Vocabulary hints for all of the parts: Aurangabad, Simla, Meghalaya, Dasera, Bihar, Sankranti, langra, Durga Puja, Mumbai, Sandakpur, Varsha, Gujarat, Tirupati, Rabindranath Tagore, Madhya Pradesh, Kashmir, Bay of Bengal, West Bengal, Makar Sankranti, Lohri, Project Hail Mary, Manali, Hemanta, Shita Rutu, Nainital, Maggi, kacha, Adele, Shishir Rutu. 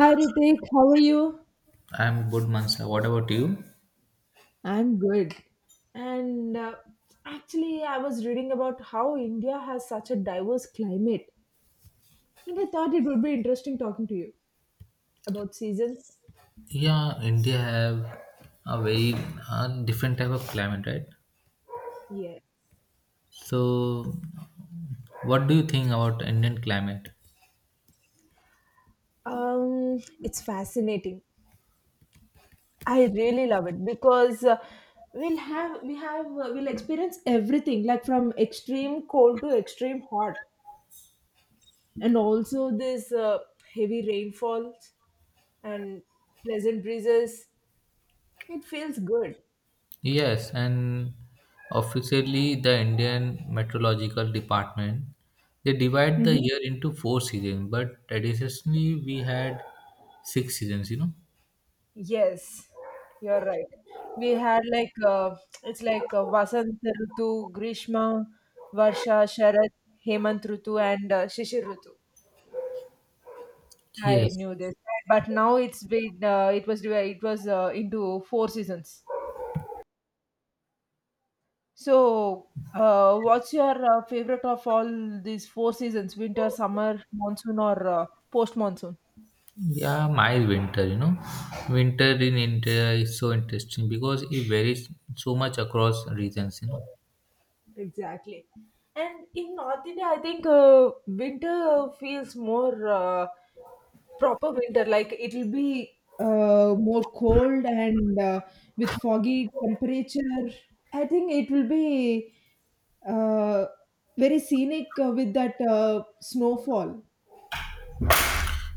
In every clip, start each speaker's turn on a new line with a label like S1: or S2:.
S1: Hi Ritik, how are you?
S2: I'm good, Mansa. What about you?
S1: I'm good. And actually, I was reading about how India has such a diverse climate, and I thought it would be interesting talking to you about seasons.
S2: Yeah, India have a very different type of climate, right?
S1: Yeah,
S2: So, what do you think about Indian climate?
S1: it's fascinating. I really love it because we'll have we have we'll experience everything, like from extreme cold to extreme hot, and also this heavy rainfalls and pleasant breezes. It feels good.
S2: Yes, and officially the Indian Meteorological Department they divide the
S1: Mhm.
S2: year into four seasons, but traditionally we had six seasons. You know.
S1: Yes, you're right. We had like It's like Vasant Rutu, Grishma, Varsha, Sharad, Hemant Rutu, and Shishir Rutu. I
S2: Yes.
S1: knew this, but now it's been it was into four seasons. So, what's your favorite of all these four seasons? Winter, summer, monsoon, or post monsoon?
S2: Yeah, my winter, you know, winter in India is so interesting because it varies so much across regions, you know.
S1: Exactly. And in North India, I think winter feels more proper winter. Like it'll be more cold and with foggy temperature. I think it will be uh, very scenic with that snowfall.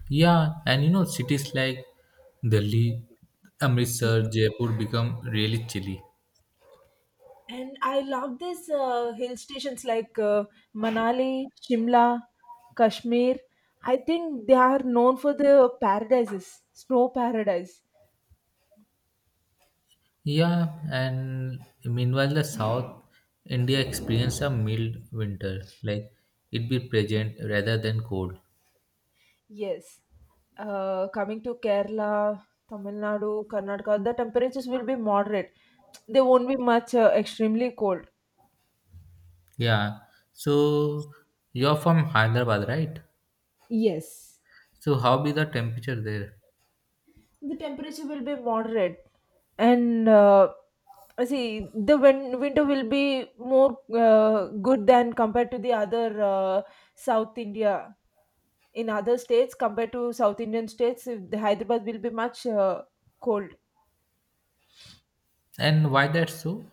S2: Yeah, and you know, cities like Delhi, Amritsar, Jaipur become really chilly.
S1: And I love these hill stations like Manali, Shimla, Kashmir. I think they are known for the paradises, snow paradise.
S2: Yeah, and meanwhile, the South India experience a mild winter, like it be present rather than cold.
S1: Yes. Coming to Kerala, Tamil Nadu, Karnataka, the temperatures will be moderate. They won't be much extremely cold.
S2: Yeah, so you're from Hyderabad, right?
S1: Yes.
S2: So how be the temperature there,
S1: The temperature will be moderate and see the winter will be more good than compared to the other South India, in other states. Compared to South Indian states, if the Hyderabad will be much cold.
S2: and why that's so?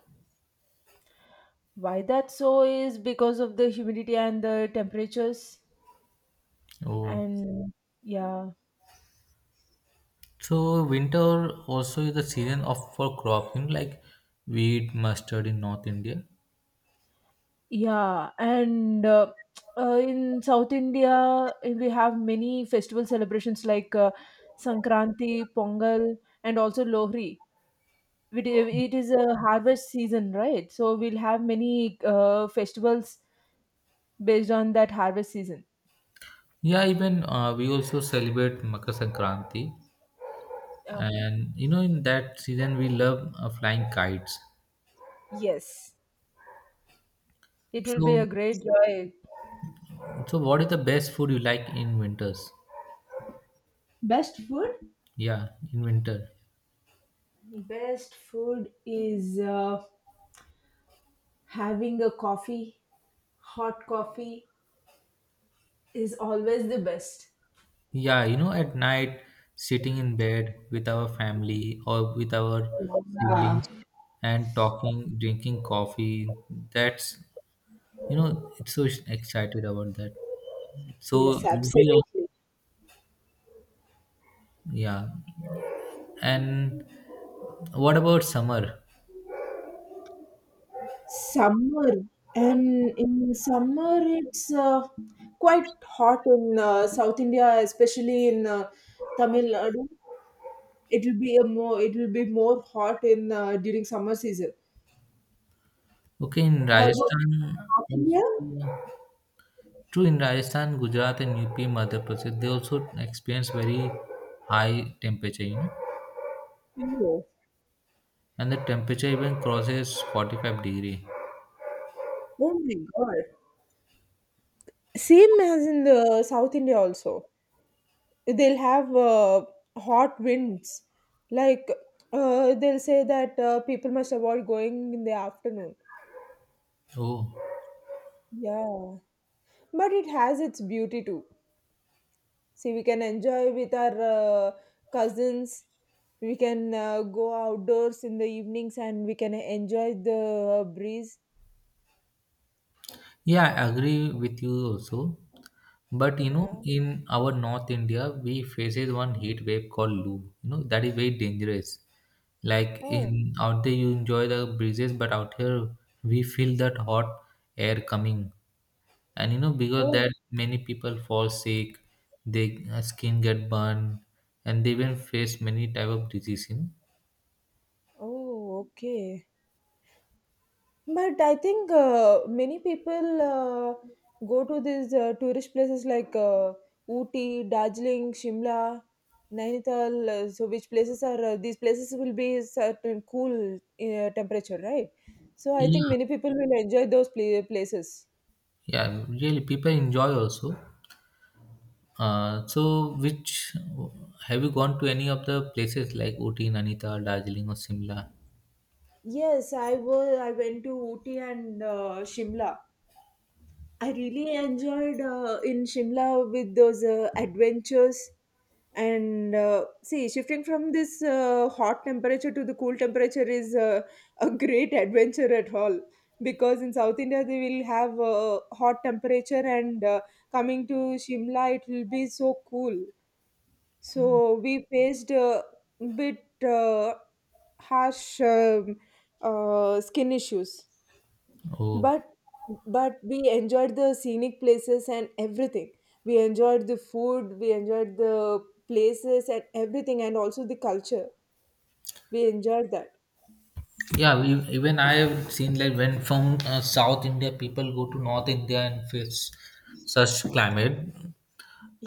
S1: Why that so is because of the humidity and the temperatures.
S2: Oh,
S1: And yeah.
S2: so winter also is the season of for crop, you know, like wheat, mustard in North India.
S1: Yeah, and in South India, we have many festival celebrations like Sankranti, Pongal, and also Lohri. It is a harvest season, right? So we'll have many festivals based on that harvest season.
S2: Yeah, even we also celebrate Makar Sankranti,
S1: uh
S2: and you know, in that season we love flying kites.
S1: Yes, it will be a
S2: So,
S1: great joy.
S2: so what is the best food you like in winters?
S1: Best food?
S2: Yeah, in winter.
S1: Best food is having a coffee. Hot coffee is always the best.
S2: Yeah, you know, at night, sitting in bed with our family or with our
S1: Yeah.
S2: siblings and talking, drinking coffee, that's, you know, it's so excited about that. So,
S1: Yes,
S2: you know,
S1: absolutely.
S2: yeah. And what about summer?
S1: Summer, and in summer it's quite hot in South India, especially in Tamil Nadu. It'll be more hot in during summer season.
S2: Okay, in
S1: How about in
S2: Rajasthan,
S1: North India?
S2: also, true in Rajasthan, Gujarat, and UP, Madhya Pradesh, they also experience very high temperature, you know,
S1: No.
S2: and the temperature even crosses 45 degree.
S1: Oh my God. Same as in the South India also. They'll have hot winds. Like they'll say that people must avoid going in the afternoon.
S2: Oh,
S1: Yeah, but it has its beauty too. See, we can enjoy with our cousins. We can go outdoors in the evenings and we can enjoy the breeze.
S2: yeah, I agree with you also. But you know,
S1: Yeah.
S2: in our North India, we faces one heat wave called Loo. You know, that is very dangerous. Like
S1: Oh.
S2: in out there, you enjoy the breezes, but out here, we feel that hot air coming. And you know, because
S1: Oh.
S2: that many people fall sick, their skin get burned, and they even face many type of disease. You know?
S1: Oh, okay. But I think many people go to these tourist places like Ooty, Darjeeling, Shimla, Nainital. So, which places are these places will be certain cool temperature, right? So, I
S2: Yeah,
S1: think many people will enjoy those places.
S2: yeah, really, people enjoy also. So which have you gone to any of the places like Ooty, Nainital, Darjeeling, or Simla?
S1: Yes, I was. I went to Ooty and Shimla. I really enjoyed in Shimla with those adventures, and see, shifting from this hot temperature to the cool temperature is a great adventure at all, because in South India they will have hot temperature, and coming to Shimla it will be so cool. So we faced a bit harsh skin issues.
S2: Oh,
S1: but but we enjoyed the scenic places and everything. We enjoyed the food, we enjoyed the places and everything, and also the culture. We enjoyed that.
S2: yeah. We, even I have seen like when from South India people go to North India and face such climate.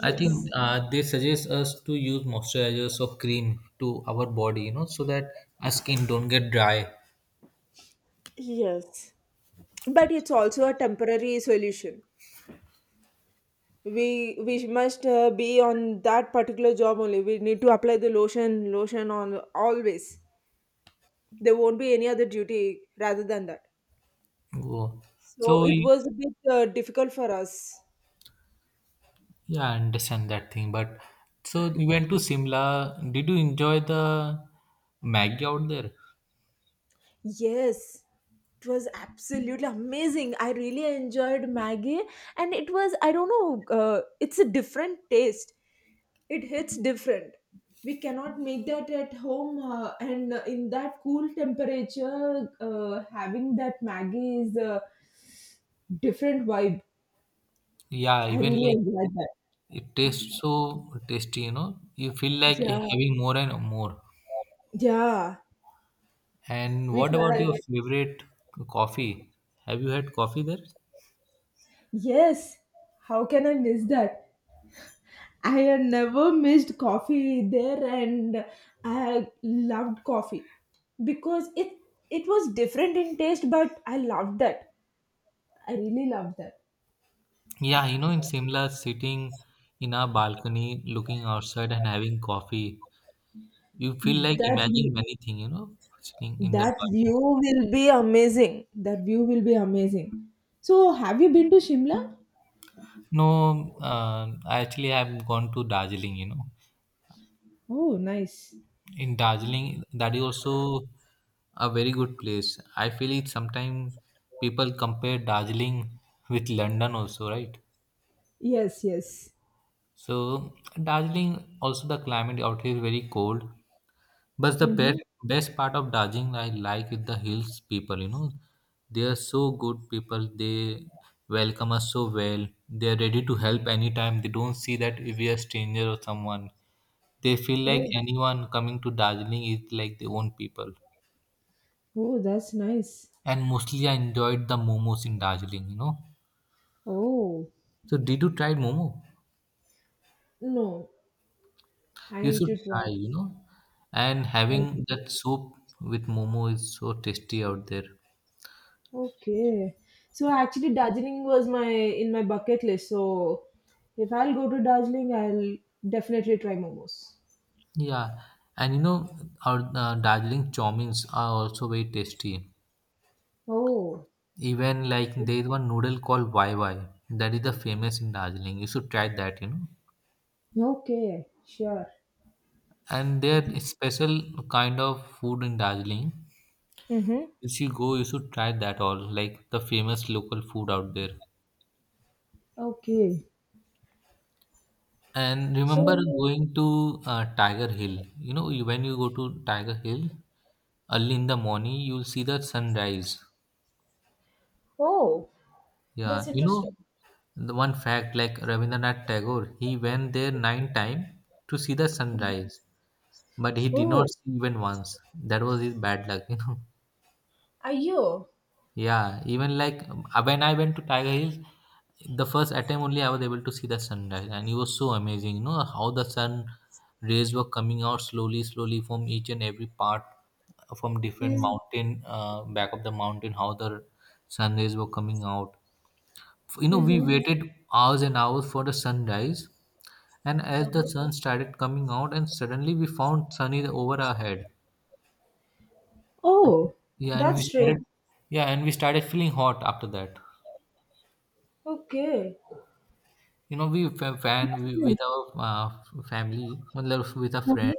S2: I think they suggest us to use moisturizers or cream to our body, you know, so that our skin don't get dry.
S1: Yes. But it's also a temporary solution. We must be on that particular job only. We need to apply the lotion on always. There won't be any other duty rather than that.
S2: Oh.
S1: So
S2: So
S1: it was a bit difficult for us.
S2: yeah, I understand that thing. But so you went to Simla. Did you enjoy the Maggi out there?
S1: Yes, it was absolutely amazing. I really enjoyed Maggie, and it was, I don't know, it's a different taste. It hits different. We cannot make that at home, and in that cool temperature, having that Maggie is a different vibe.
S2: Yeah,
S1: I
S2: even
S1: really
S2: like
S1: enjoyed that.
S2: it tastes so tasty, you know. You feel like you're
S1: Yeah,
S2: having more and more.
S1: yeah.
S2: And
S1: We
S2: what about your
S1: can,
S2: favorite coffee? Have you had coffee there?
S1: yes. How can I miss that? I had never missed coffee there, and I loved coffee because it was different in taste but I loved that. I really loved that.
S2: Yeah, you know, in Simla, sitting in our balcony, looking outside and having coffee, you feel like
S1: That
S2: imagining
S1: view-
S2: many things, you know, sitting in that
S1: that
S2: balcony.
S1: view will be amazing. That view will be amazing. So have you been to Shimla?
S2: No, I actually have gone to Darjeeling, you know.
S1: Oh nice.
S2: In Darjeeling, that is also a very good place. I feel it sometimes people compare Darjeeling with London also, right?
S1: Yes, yes.
S2: So Darjeeling also the climate out here is very cold. But the
S1: Mm-hmm.
S2: best best part of Darjeeling I like is the hills people, you know. They are so good people. They welcome us so well. They are ready to help anytime. They don't see that if we are stranger or someone. They feel like
S1: Oh,
S2: anyone coming to Darjeeling is like their own people.
S1: oh that's nice.
S2: And mostly I enjoyed the momos in Darjeeling, you know.
S1: Oh
S2: So did you try momo?
S1: no, I
S2: You
S1: need
S2: should
S1: to try.
S2: try, you know. And
S1: Okay.
S2: having that soup with momo is so tasty out there.
S1: Okay. So actually Darjeeling was my in my bucket list. So if I'll go to Darjeeling, I'll definitely try momos.
S2: Yeah, and you know our Darjeeling chowmins are also very tasty.
S1: Oh,
S2: Even like there is one noodle called YY that is the famous in Darjeeling. You should try that, you know.
S1: okay. Sure.
S2: And there is special kind of food in Darjeeling.
S1: Mm-hmm.
S2: If you go, you should try that all like the famous local food out there.
S1: Okay.
S2: And remember
S1: So.
S2: going to Tiger Hill. You know, when you go to Tiger Hill early in the morning, you'll see the sunrise.
S1: Oh, that's
S2: Yeah, you know,
S1: interesting.
S2: the one fact like Rabindranath Tagore, he went there 9 times to see the sunrise, but he did not
S1: Oh.
S2: see even once. That was his bad luck, you know.
S1: Are you?
S2: Yeah, even like when I went to Tiger Hills, the first attempt only I was able to see the sunrise, and it was so amazing. You know how the sun rays were coming out slowly, slowly from each and every part, from different
S1: Mm.
S2: mountain, back of the mountain, how the sun rays were coming out. You know, we
S1: Mm-hmm.
S2: waited hours and hours for the sunrise, and as the
S1: Uh-huh.
S2: sun started coming out, and suddenly we found sun is over our head.
S1: Oh,
S2: And- Yeah, and we
S1: that's
S2: started,
S1: strange.
S2: yeah, and we started feeling hot after that.
S1: Okay.
S2: You know, we fa-
S1: That's
S2: fan we,
S1: nice.
S2: with our family, मतलब with a
S1: Uh-huh.
S2: friend,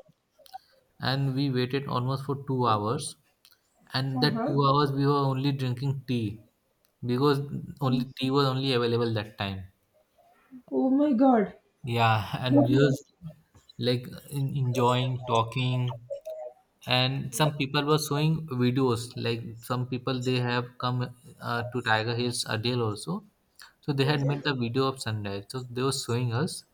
S2: and we waited almost for 2 hours. And that
S1: Uh-huh.
S2: 2 hours we were only drinking tea because only tea was only available that time.
S1: Oh my god.
S2: Yeah, and we
S1: Okay.
S2: was like enjoying talking, and some people were showing videos. Like some people they have come to Tiger Hills Adele also, so they had made the
S1: Mm.
S2: video of sunrise. So they were showing us,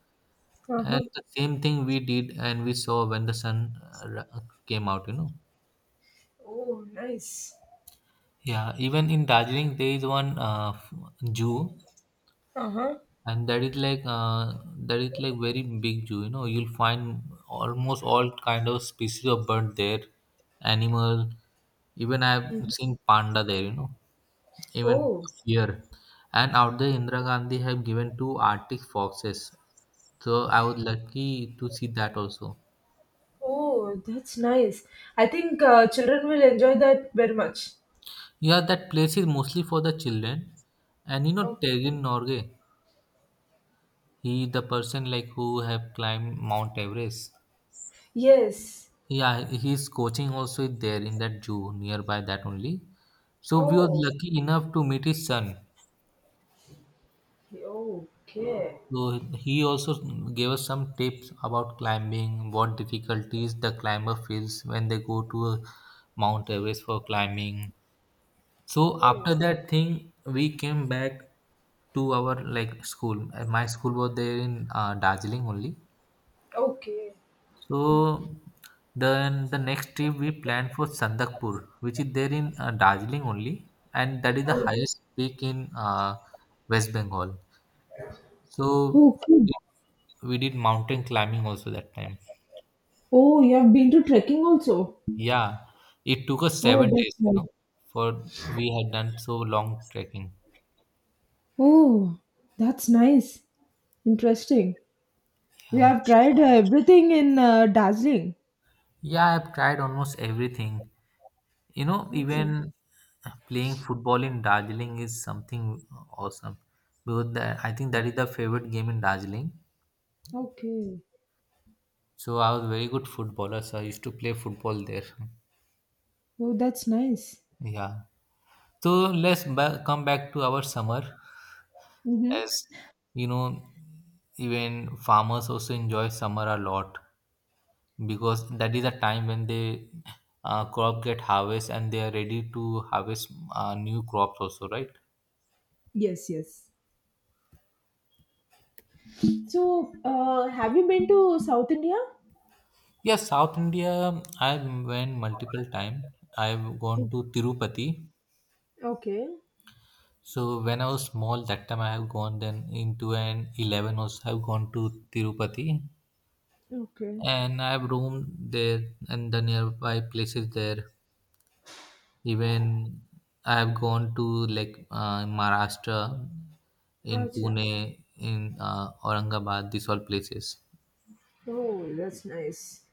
S2: and
S1: Uh-huh.
S2: the same thing we did and we saw when the sun came out, you know.
S1: Oh, nice.
S2: Yeah, even in Darjeeling there is one zoo,
S1: Uh-huh.
S2: and that is like very big zoo. You know, you'll find almost all kind of species of bird there, animal. Even
S1: Mhm.
S2: I've seen panda there. You know, even
S1: Oh,
S2: here, and out there Indira Gandhi have given two Arctic foxes. So I was lucky to see that also.
S1: oh, that's nice. I think children will enjoy that very much.
S2: Yeah, that place is mostly for the children. And you know
S1: Okay.
S2: Tergen Norgay, he the person like who have climbed Mount Everest.
S1: Yes.
S2: Yeah, his coaching also is there in that zoo nearby that only. So we were
S1: Oh,
S2: lucky enough to meet his son.
S1: okay. Oh, okay.
S2: So he also gave us some tips about climbing, what difficulties the climber feels when they go to a Mount Everest for climbing. So
S1: Oh.
S2: after that thing, we came back to our like school. My school was there in Darjeeling only. So then the next trip we planned for Sandakpur, which is there in Darjeeling only, and that is the highest peak in West Bengal. So
S1: Okay.
S2: we did mountain climbing also that time.
S1: Oh, you have been to trekking also.
S2: Yeah, it took us
S1: Oh,
S2: seven
S1: that's
S2: days,
S1: nice.
S2: you know, for we had done so long trekking.
S1: Oh, that's nice. Interesting. You
S2: Yeah.
S1: have tried everything in Darjeeling.
S2: Yeah, I've tried almost everything. You know,
S1: That's nice.
S2: even playing football in Darjeeling is something awesome because that, I think that is the favorite game in Darjeeling.
S1: Okay.
S2: So I was a very good footballer, so I used to play football there.
S1: Oh, that's nice.
S2: Yeah. So let's come back to our summer.
S1: Mm-hmm.
S2: As you know, even farmers also enjoy summer a lot because that is a time when they crop get harvest and they are ready to harvest new crops also, right?
S1: Yes, yes. So, have you been to South India?
S2: Yes, South India, I've went multiple time. I've gone to Tirupati.
S1: Okay,
S2: So when I was small, that time I have gone then into an 11 also I've gone to Tirupati
S1: okay.
S2: and I've roamed there and the nearby places there. Even I have gone to like Maharashtra, in
S1: Acha.
S2: Pune, in Aurangabad, these all places.
S1: Oh, that's nice.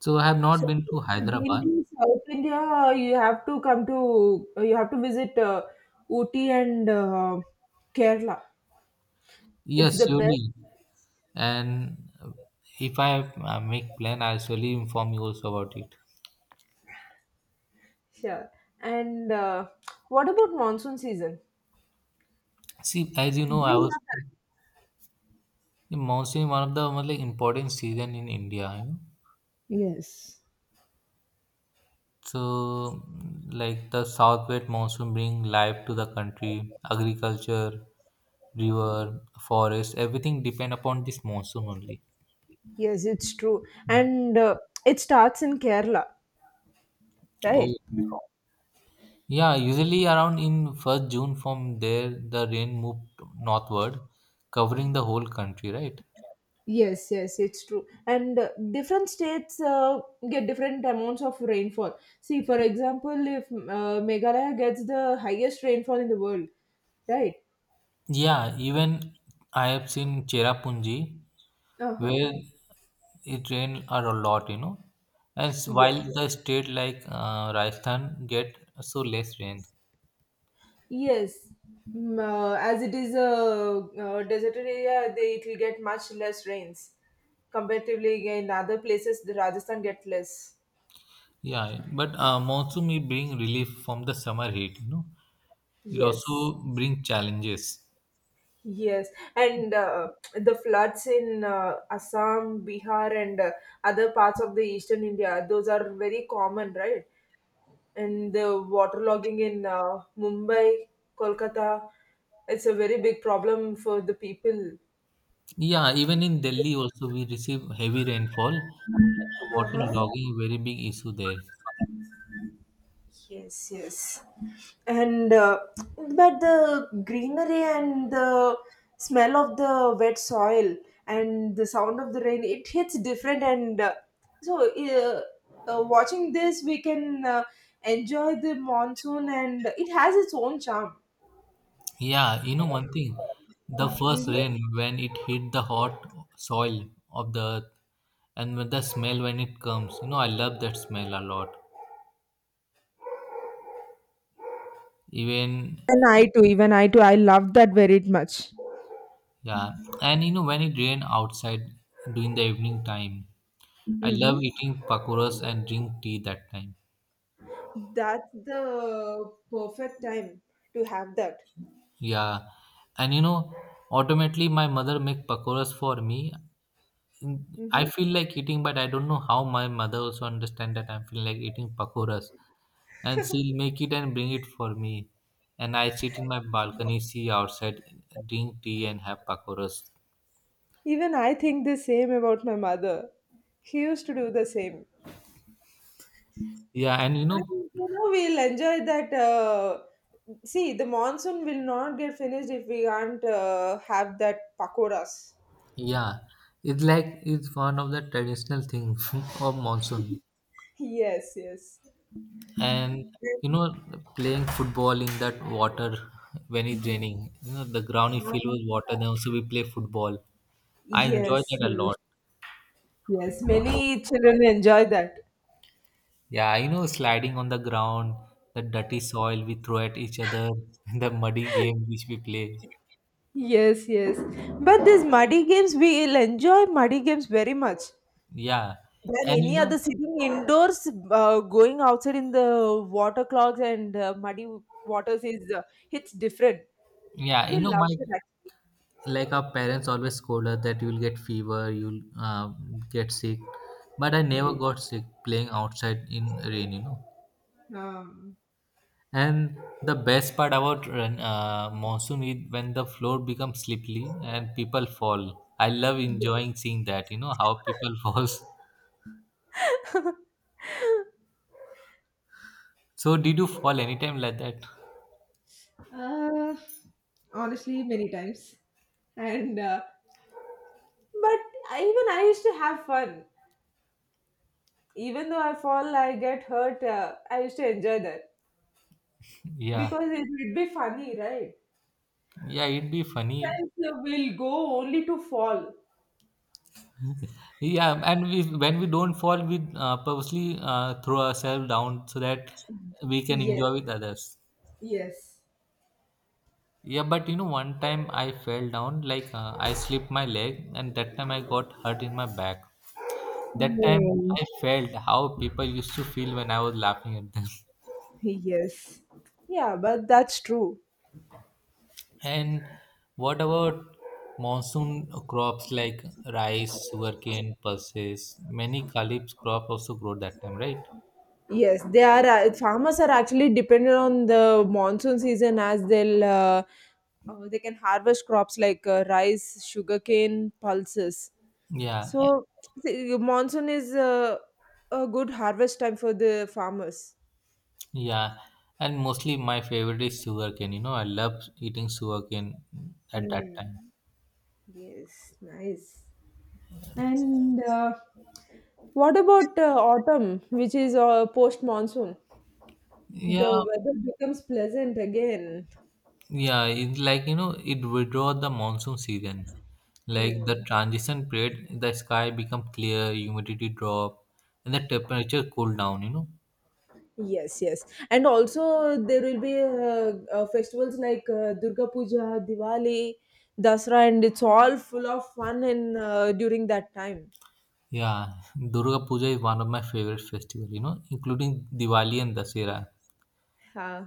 S2: So I have
S1: So,
S2: not been to
S1: if you've been
S2: Hyderabad.
S1: to South India, you have to come to, you have to visit Ooty and Kerala. It's
S2: Yes,
S1: the best.
S2: surely. And if I make plan, I'll surely inform you also about it.
S1: Yeah. And what about monsoon season?
S2: See, as you
S1: They
S2: know, I was
S1: love that.
S2: the monsoon is one of the most like important season in India. You know?
S1: Yes,
S2: So, like the southwest monsoon bring life to the country, agriculture, river, forest, everything depend upon this monsoon only.
S1: yes, it's true.
S2: Mm.
S1: And It starts in Kerala,
S2: Oh,
S1: right?
S2: yeah, usually around in first June from there the rain moved northward, covering the whole country, right?
S1: Yes, yes, it's true. And different states get different amounts of rainfall. See, for example, if Meghalaya gets the highest rainfall in the world, right?
S2: Yeah, even I have seen Cherrapunji
S1: Uh huh.
S2: where it rain a lot, you know. And while
S1: Yes.
S2: the state like Rajasthan get so less rain.
S1: Yes. As it is a, uh, deserted area, they, it will get much less rains. Comparatively, in other places, the Rajasthan get less.
S2: Yeah, but monsoon may bring relief from the summer heat, you know. It
S1: Yes.
S2: also bring challenges.
S1: Yes, and the floods in Assam, Bihar, and other parts of the eastern India, those are very common, right? And the waterlogging in Mumbai, Kolkata, it's a very big problem for the people.
S2: Yeah, even in Delhi also we receive heavy rainfall. The water
S1: Uh,
S2: logging very big issue there.
S1: Yes, yes. And but the greenery and the smell of the wet soil and the sound of the rain, it hits different. And so, uh, watching this, we can enjoy the monsoon, and it has its own charm.
S2: Yeah, you know one thing, the first
S1: Hmm.
S2: rain when it hit the hot soil of the earth and with the smell when it comes, you know, I love that smell a lot. Even
S1: And I too, even I too, I love that very much.
S2: yeah, and you know when it rain outside during the evening time, I love
S1: Mm-hmm.
S2: eating pakoras and drink tea that time.
S1: That's the perfect time to have that.
S2: Yeah, and you know, automatically my mother make pakoras for me. Mm, I
S1: Mm-hmm.
S2: feel like eating, but I don't know how my mother also understand that I'm feeling like eating pakoras. And she'll make it and bring it for me. And I sit in my balcony, see outside, drink tea and have pakoras.
S1: Even I think the same about my mother. He used to do the same.
S2: Yeah, and you
S1: And
S2: know,
S1: you know, we'll enjoy that. See, the monsoon will not get finished if we can't have that pakoras.
S2: yeah, it's like it's one of the traditional things of monsoon.
S1: Yes, yes.
S2: And you
S1: And,
S2: know, playing football in that water when it's raining, you know, the ground is
S1: uh,
S2: filled with water. Then also we play football. I enjoy
S1: yes,
S2: that a
S1: yes,
S2: lot.
S1: yes. Many children enjoy that.
S2: Yeah, you know, sliding on the ground, the dirty soil we throw at each other, the muddy game which we play.
S1: Yes, yes. But these muddy games, we'll enjoy muddy games very much
S2: Yeah,
S1: than
S2: and you
S1: any
S2: know,
S1: other sitting indoors. Going outside in the water clogs and muddy waters is it's different.
S2: yeah,
S1: We
S2: you know,
S1: love
S2: my
S1: that actually.
S2: like our parents always scold us that you'll get fever, you'll get sick, but I never got sick playing outside in rain, you know.
S1: Um,
S2: And the best part about monsoon is when the floor becomes slippery and people fall. I love enjoying seeing that, you know, how people falls. So did you fall anytime like that?
S1: yeah. Honestly, many times. And but I, even I used to have fun. Even though I fall, I get hurt. I used to enjoy that
S2: Yeah,
S1: because it would be funny, right?
S2: yeah, it'd be funny.
S1: Sometimes we'll go only to fall.
S2: Yeah, and when we don't fall, we purposely throw ourselves down so that we can
S1: Yes,
S2: enjoy with others.
S1: yes.
S2: Yeah, but you know, one time I fell down, like I slipped my leg, and that time I got hurt in my back. That time
S1: Oh,
S2: I felt how people used to feel when I was laughing at them.
S1: yes. Yeah, but that's true.
S2: And what about monsoon crops like rice, sugarcane, pulses? Many khalif crops also grow that time, right?
S1: Yes, they are. Farmers are actually dependent on the monsoon season as they'll they can harvest crops like rice, sugarcane, pulses.
S2: Yeah.
S1: So see, monsoon is a good harvest time for the farmers.
S2: Yeah, and mostly my favorite is sugarcane. You know, I love eating sugarcane at that time.
S1: Mm. Yes, nice. And what about autumn, which is post monsoon?
S2: Yeah,
S1: The weather becomes pleasant again.
S2: yeah, it's like you know, it withdraw the monsoon season. Like
S1: Hmm.
S2: the transition period, the sky become clear, humidity drop, and the temperature cool down, you know.
S1: Yes, yes, and also there will be festivals like Durga Puja, Diwali, Dasra, and it's all full of fun and during that time.
S2: Yeah, Durga Puja is one of my favorite festival, you know, including Diwali and Dasera.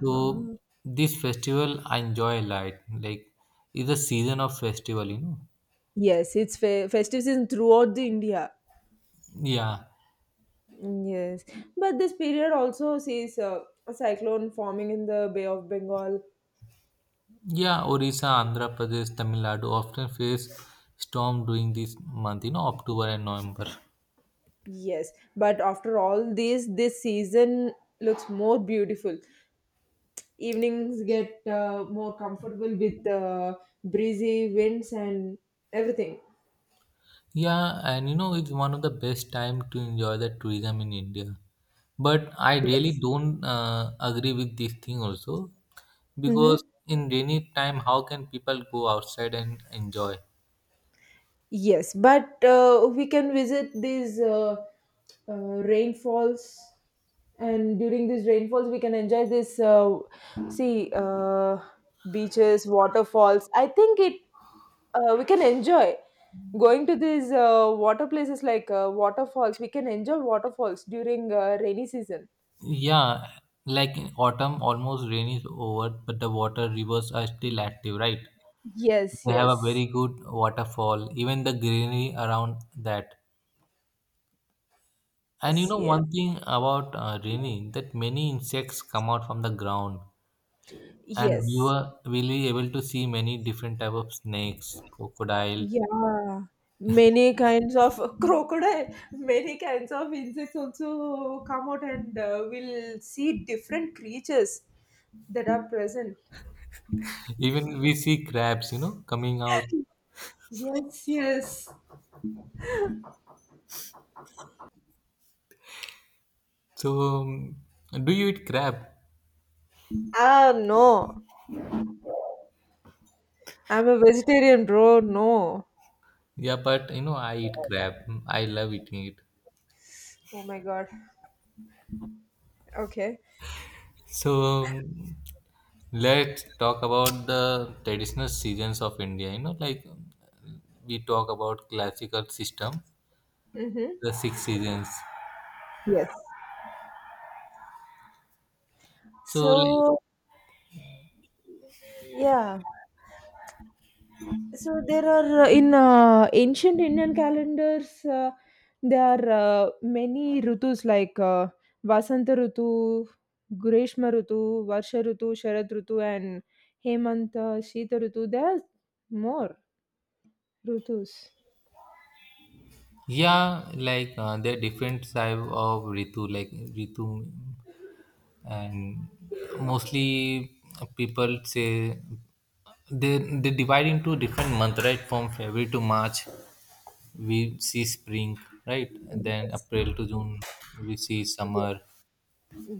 S2: So this festival I enjoy a lot. Like it's a season of festival, you know.
S1: Yes, it's festive season throughout the India.
S2: Yeah.
S1: Mm. Yes, but this period also sees a cyclone forming in the Bay of Bengal.
S2: Yeah, Orissa, Andhra Pradesh, Tamil Nadu often face storm during this month, you know, October and November.
S1: Yes, but after all this, this season looks more beautiful. Evenings get more comfortable with the breezy winds and everything.
S2: Yeah, and you know, it's one of the best time to enjoy the tourism in India. But I really don't agree with this thing also,
S1: Mm-hmm.
S2: because in rainy time, how can people go outside and enjoy?
S1: Yes, but we can visit these rainfalls, and during these rainfalls, we can enjoy this. See, beaches, waterfalls. I think it we can enjoy going to these water places like waterfalls. We can enjoy waterfalls during rainy season.
S2: Yeah, like in autumn, almost rain is over, but the water rivers are still active, right?
S1: Yes,
S2: They have a
S1: yes.
S2: very good waterfall, even the greenery around that. And you
S1: Yes,
S2: know
S1: yes.
S2: one thing about Rini, that many insects come out from the ground, and we
S1: Yes.
S2: were will be able to see many different type of snakes, crocodile,
S1: Yeah. Many kinds of crocodile, many kinds of insects also come out and we'll see different creatures that are present.
S2: even we see crabs, you know, coming out.
S1: Yes, yes.
S2: So, do you eat crab?
S1: Ah, no. I'm a vegetarian, bro. No.
S2: Yeah, but you know I eat crab. I love eating it.
S1: Oh my god. Okay.
S2: So let's talk about the traditional seasons of India. You know, like we talk about classical system,
S1: Mm-hmm.
S2: the six seasons.
S1: Yes.
S2: So like
S1: So, yeah. So there are in ancient Indian calendars there are many rutus like Vasanta Rutu, Greshma Rutu, Varsha Rutu, Sharad Rutu, and Hemanta, Shita Rutu. There are more rutus.
S2: yeah, like there are different type of ritu, and mostly people say they divide into different month, right? From February to March, we see spring, right? And then
S1: Yes.
S2: April to June, we see
S1: Ye-
S2: summer.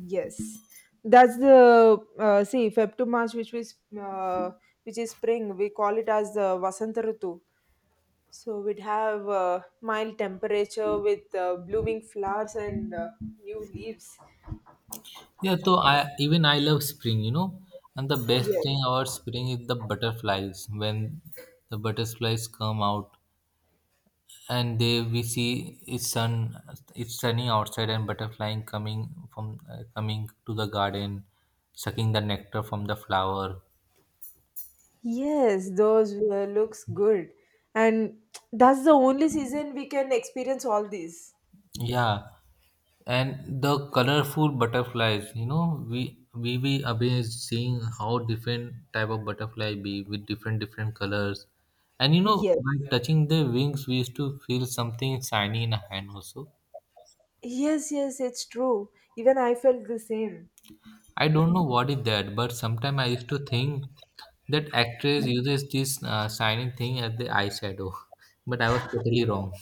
S1: Yes, that's the see Feb to March, uh, which is spring. We call it as the Vasanta Rutu. So we'd have mild temperature with blooming flowers and new leaves.
S2: Yeah, so I love spring, you know, and the best thing
S1: Yes.
S2: about spring is the butterflies. When the butterflies come out and they we see it's sunny outside and butterfly coming from coming to the garden, sucking the nectar from the flower.
S1: Yes, those looks good. And that's the only season we can experience all these.
S2: Yeah, and the colorful butterflies. You know, we amazed seeing how different type of butterfly be with different different colors, and you know, by
S1: Yes.
S2: touching their wings, we used to feel something shiny in a hand also.
S1: Yes, yes, it's true. Even I felt the same.
S2: I don't know what is that, but sometimes I used to think that actress uses this shiny thing as the eyeshadow, but I was totally wrong.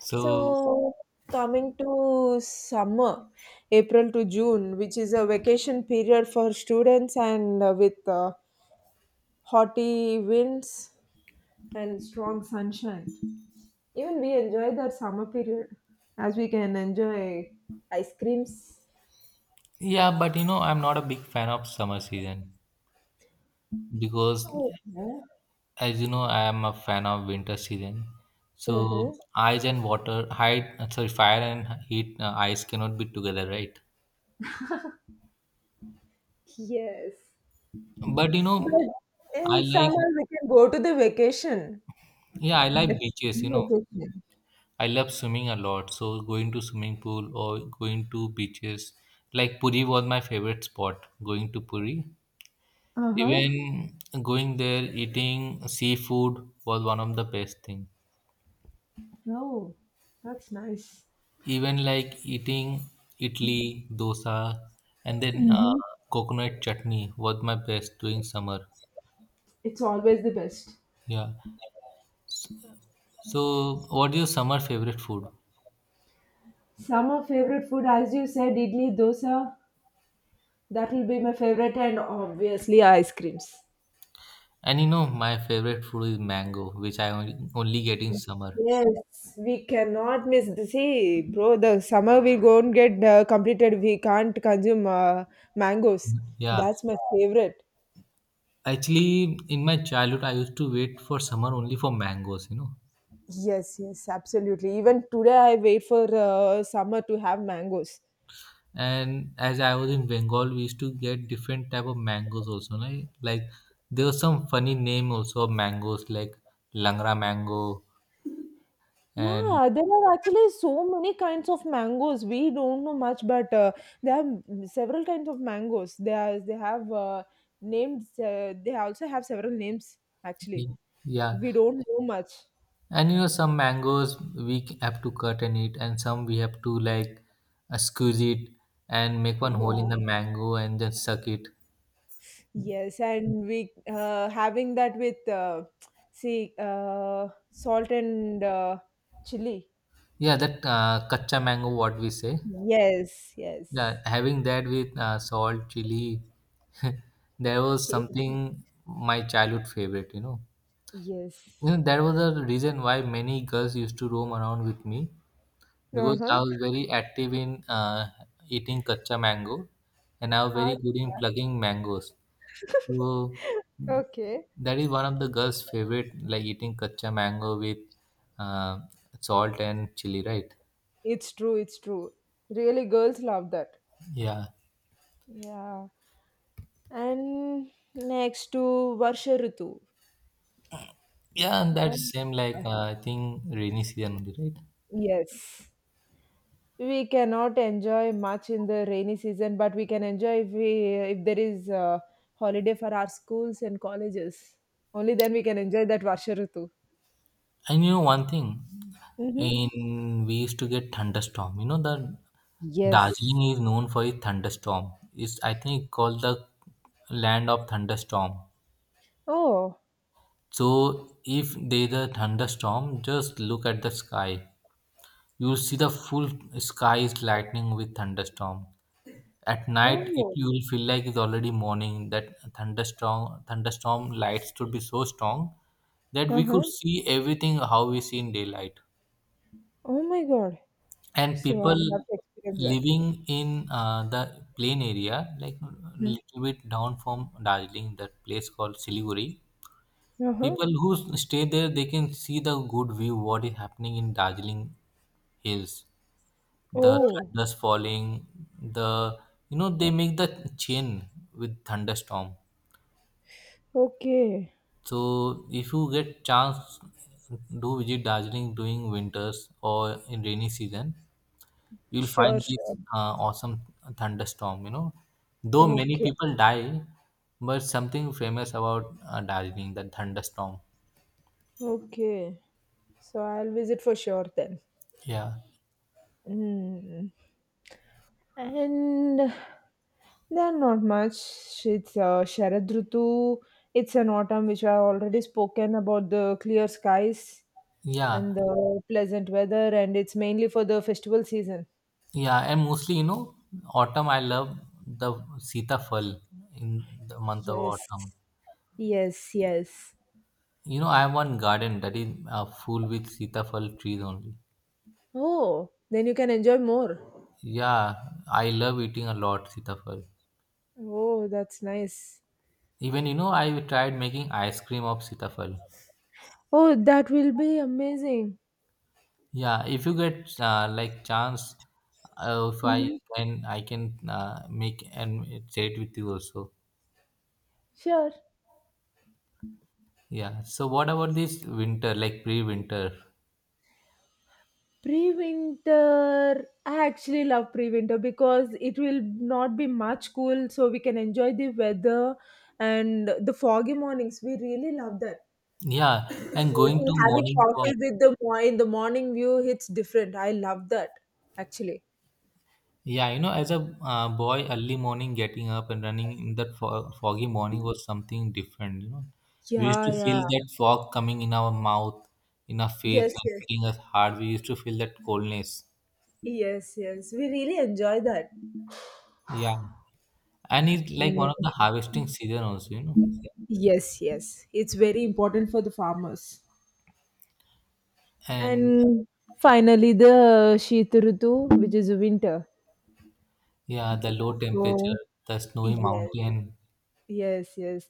S2: So
S1: So coming to summer, April to June, which is a vacation period for students and with haughty winds and strong sunshine. Even we enjoy that summer period as we can enjoy ice creams.
S2: yeah, but you know, I'm not a big fan of summer season, because
S1: Oh, yeah.
S2: as you know, I am a fan of winter season.
S1: Mm-hmm.
S2: So ice and water, hide, sorry, fire and heat, ice cannot be together, right?
S1: Yes.
S2: But you know,
S1: But
S2: I
S1: in
S2: like,
S1: summer, we can go to the vacation.
S2: yeah, I like
S1: It's
S2: beaches. You
S1: a
S2: know,
S1: vacation.
S2: I love swimming a lot. So going to swimming pool or going to beaches, like Puri was my favorite spot. Going to Puri,
S1: Uh huh.
S2: even going there, eating seafood was one of the best thing.
S1: Oh, that's nice.
S2: Even like eating idli, dosa, and then
S1: Mhm.
S2: coconut chutney was my best during summer.
S1: It's always the best.
S2: Yeah. So, what is your summer favorite food?
S1: Summer favorite food, as you said, idli, dosa. That will be my favorite, and obviously ice creams.
S2: And you know, my favorite food is mango, which I only get in summer.
S1: Yes, we cannot miss. See, bro, the summer we won't get completed. We can't consume mangoes.
S2: Yeah.
S1: That's my favorite.
S2: Actually, in my childhood, I used to wait for summer only for mangoes, you know.
S1: Yes, yes, absolutely. Even today, I wait for summer to have mangoes.
S2: And as I was in Bengal, we used to get different type of mangoes also. Like there was some funny name also of mangoes, like langra mango and...
S1: Yeah, there are actually so many kinds of mangoes. We don't know much, but there are several kinds of mangoes. They are they have names. They also have several names. Actually,
S2: Ye- Yeah,
S1: we don't know much.
S2: and you know some mangoes have to cut and eat, and some we have to like squeeze it and make one hole in
S1: Yeah.
S2: the mango and then suck it.
S1: Yes, and we having that with see salt and chili.
S2: Yeah, that kacha mango, what we say.
S1: Yes, yes,
S2: Yeah, having that with salt, chili, there was something my childhood favorite.
S1: yes.
S2: You know that was the reason why many girls used to roam around with me,
S1: Uh
S2: because I
S1: huh.
S2: was very active in eating kacha mango, and I was
S1: Ah,
S2: very good in plugging mangoes. So
S1: okay.
S2: that is one of the girls' favorite, like eating kacha mango with uh, salt and chili, right?
S1: It's true. It's true. Really, girls love that.
S2: Yeah,
S1: Yeah. And next to Varsha Ritu.
S2: yeah, and that is
S1: Um,
S2: same like I think rainy season only, right?
S1: yes. We cannot enjoy much in the rainy season, but we can enjoy if we, if there is a holiday for our schools and colleges, only then we can enjoy that Varsha Ritu.
S2: And you know one thing,
S1: Mm-hmm.
S2: in we used to get thunderstorm. You know the
S1: Yes.
S2: Darjeeling is known for its thunderstorm. It's I think called the land of thunderstorm.
S1: Oh.
S2: So if there's a thunderstorm, just look at the sky. You see the full sky is lightning with thunderstorm. At night, it
S1: Oh,
S2: you will feel like it's already morning. That thunderstorm lights should be so strong that we could
S1: uh-huh.
S2: see everything how we see in daylight.
S1: Oh my god,
S2: And
S1: so I
S2: people
S1: have to experience that.
S2: living in the plain area, like
S1: Hmm.
S2: little bit down from Darjeeling, that place called Siliguri.
S1: Uh-huh.
S2: People who stay there, they can see the good view what is happening in Darjeeling hills, the
S1: Oh.
S2: thunders falling, the you know they make the chain with thunderstorm.
S1: Okay.
S2: So if you get chance, do visit Darjeeling during winters or in rainy season, you'll find
S1: Sure,
S2: this
S1: sure.
S2: awesome thunderstorm, you know. Though many
S1: Okay.
S2: people die, but something famous about Darjeeling, the thunderstorm.
S1: Okay, so I'll visit for sure then.
S2: Yeah.
S1: Mm. And there are not much. It's Sharad Rutu. It's an autumn which I already spoken about, the clear skies
S2: Yeah,
S1: and the pleasant weather, and it's mainly for the festival season.
S2: yeah, and mostly you know autumn I love the sitafal in the month of
S1: Yes,
S2: autumn.
S1: yes, yes.
S2: You know, I have one garden that is full with sitafal trees only.
S1: Oh, then you can enjoy more.
S2: Yeah, I love eating a lot sitafal.
S1: Oh, that's nice.
S2: Even you know, I tried making ice cream of sitafal.
S1: Oh, that will be amazing.
S2: Yeah, if you get like chance, if I
S1: Mhm.
S2: can, I can make and share it with you also.
S1: Sure.
S2: Yeah. So what about this winter, like pre-winter?
S1: Pre-winter, I actually love pre-winter because it will not be much cool, so we can enjoy the weather and the foggy mornings. We really love that.
S2: Yeah, and going
S1: See,
S2: to
S1: having
S2: morning walk.
S1: coffee with the in the morning view, it's different. I love that actually.
S2: Yeah, you know, as a boy, early morning getting up and running in that fo foggy morning was something different, you know. We used
S1: Yeah,
S2: to
S1: yeah.
S2: feel that fog coming in our mouth, in our face,
S1: Yes,
S2: and
S1: yes,
S2: hitting us hard. We used to feel that coldness.
S1: yes, yes. We really enjoy that.
S2: Yeah. And it's like
S1: Yeah.
S2: one of the harvesting season also, you know.
S1: Yes, yes. It's very important for the farmers.
S2: And
S1: And finally, the Sheet Rutu, which is winter.
S2: yeah, the low
S1: So
S2: temperature, the snowy
S1: yes,
S2: mountain.
S1: yes, yes.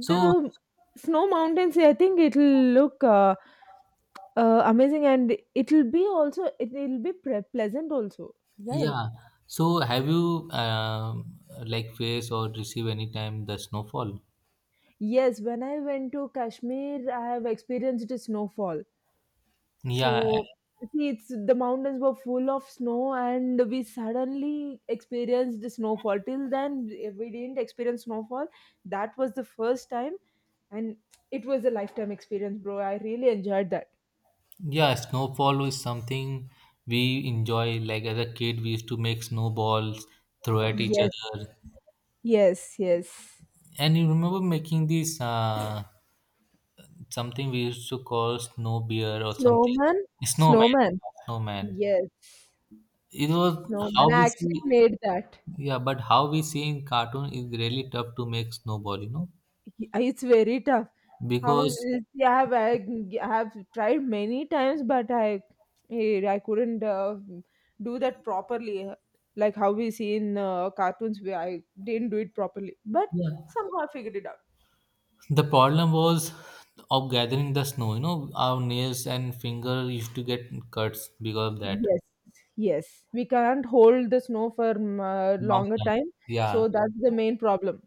S2: So
S1: snow mountains, I think it'll look amazing, and it'll be also, it'll be pre pleasant also, right?
S2: yeah, so have you like faced or received any time the snowfall?
S1: Yes, when I went to Kashmir, I have experienced a snowfall.
S2: Yeah.
S1: So, see, it's, the mountains were full of snow and we suddenly experienced the snowfall. Till then, we didn't experience snowfall. That was the first time, and it was a lifetime experience, bro. I really enjoyed that.
S2: Yeah, snowfall is something we enjoy. Like as a kid, we used to make snowballs, throw at each
S1: Yes.
S2: other.
S1: Yes, yes.
S2: And you remember making this something we used to call snow bear or something,
S1: Snowman?
S2: snowman,
S1: Snowman.
S2: snowman.
S1: Yes.
S2: It was
S1: Snowman.
S2: how
S1: I
S2: we
S1: actually
S2: see,
S1: made that.
S2: yeah, but how we see in cartoon is really tough to make snowball, you know,
S1: It's very tough.
S2: because
S1: I have tried many times, but I, I couldn't do that properly, like how we see in cartoons. Where I didn't do it properly, but
S2: yeah,
S1: somehow I figured it out.
S2: the problem was of gathering the snow. You know, our nails and finger used to get cuts because of that.
S1: Yes, yes. We can't hold the snow for
S2: Long
S1: longer
S2: time.
S1: time,
S2: Yeah.
S1: so that's the main problem.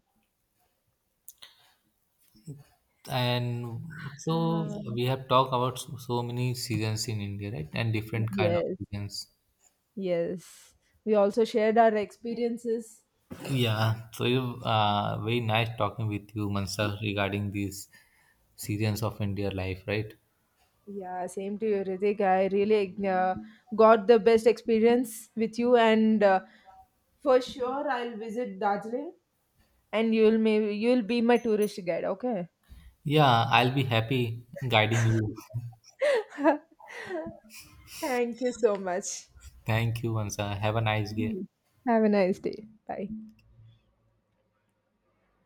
S2: And so
S1: Ah.
S2: we have talked about so many seasons in India, right? And different kind of
S1: Yes.
S2: seasons.
S1: Yes, we also shared our experiences.
S2: Yeah. So you very nice talking with you, Mansa, regarding these seasons of India life, right?
S1: Yeah, same to you, Ritik. I really got the best experience with you, and for sure I'll visit Darjeeling, and you'll maybe you'll be my tourist guide. Okay.
S2: Yeah, I'll be happy guiding you.
S1: Thank you so much.
S2: Thank you, Mansa. Have a nice day.
S1: Have a nice day. Bye.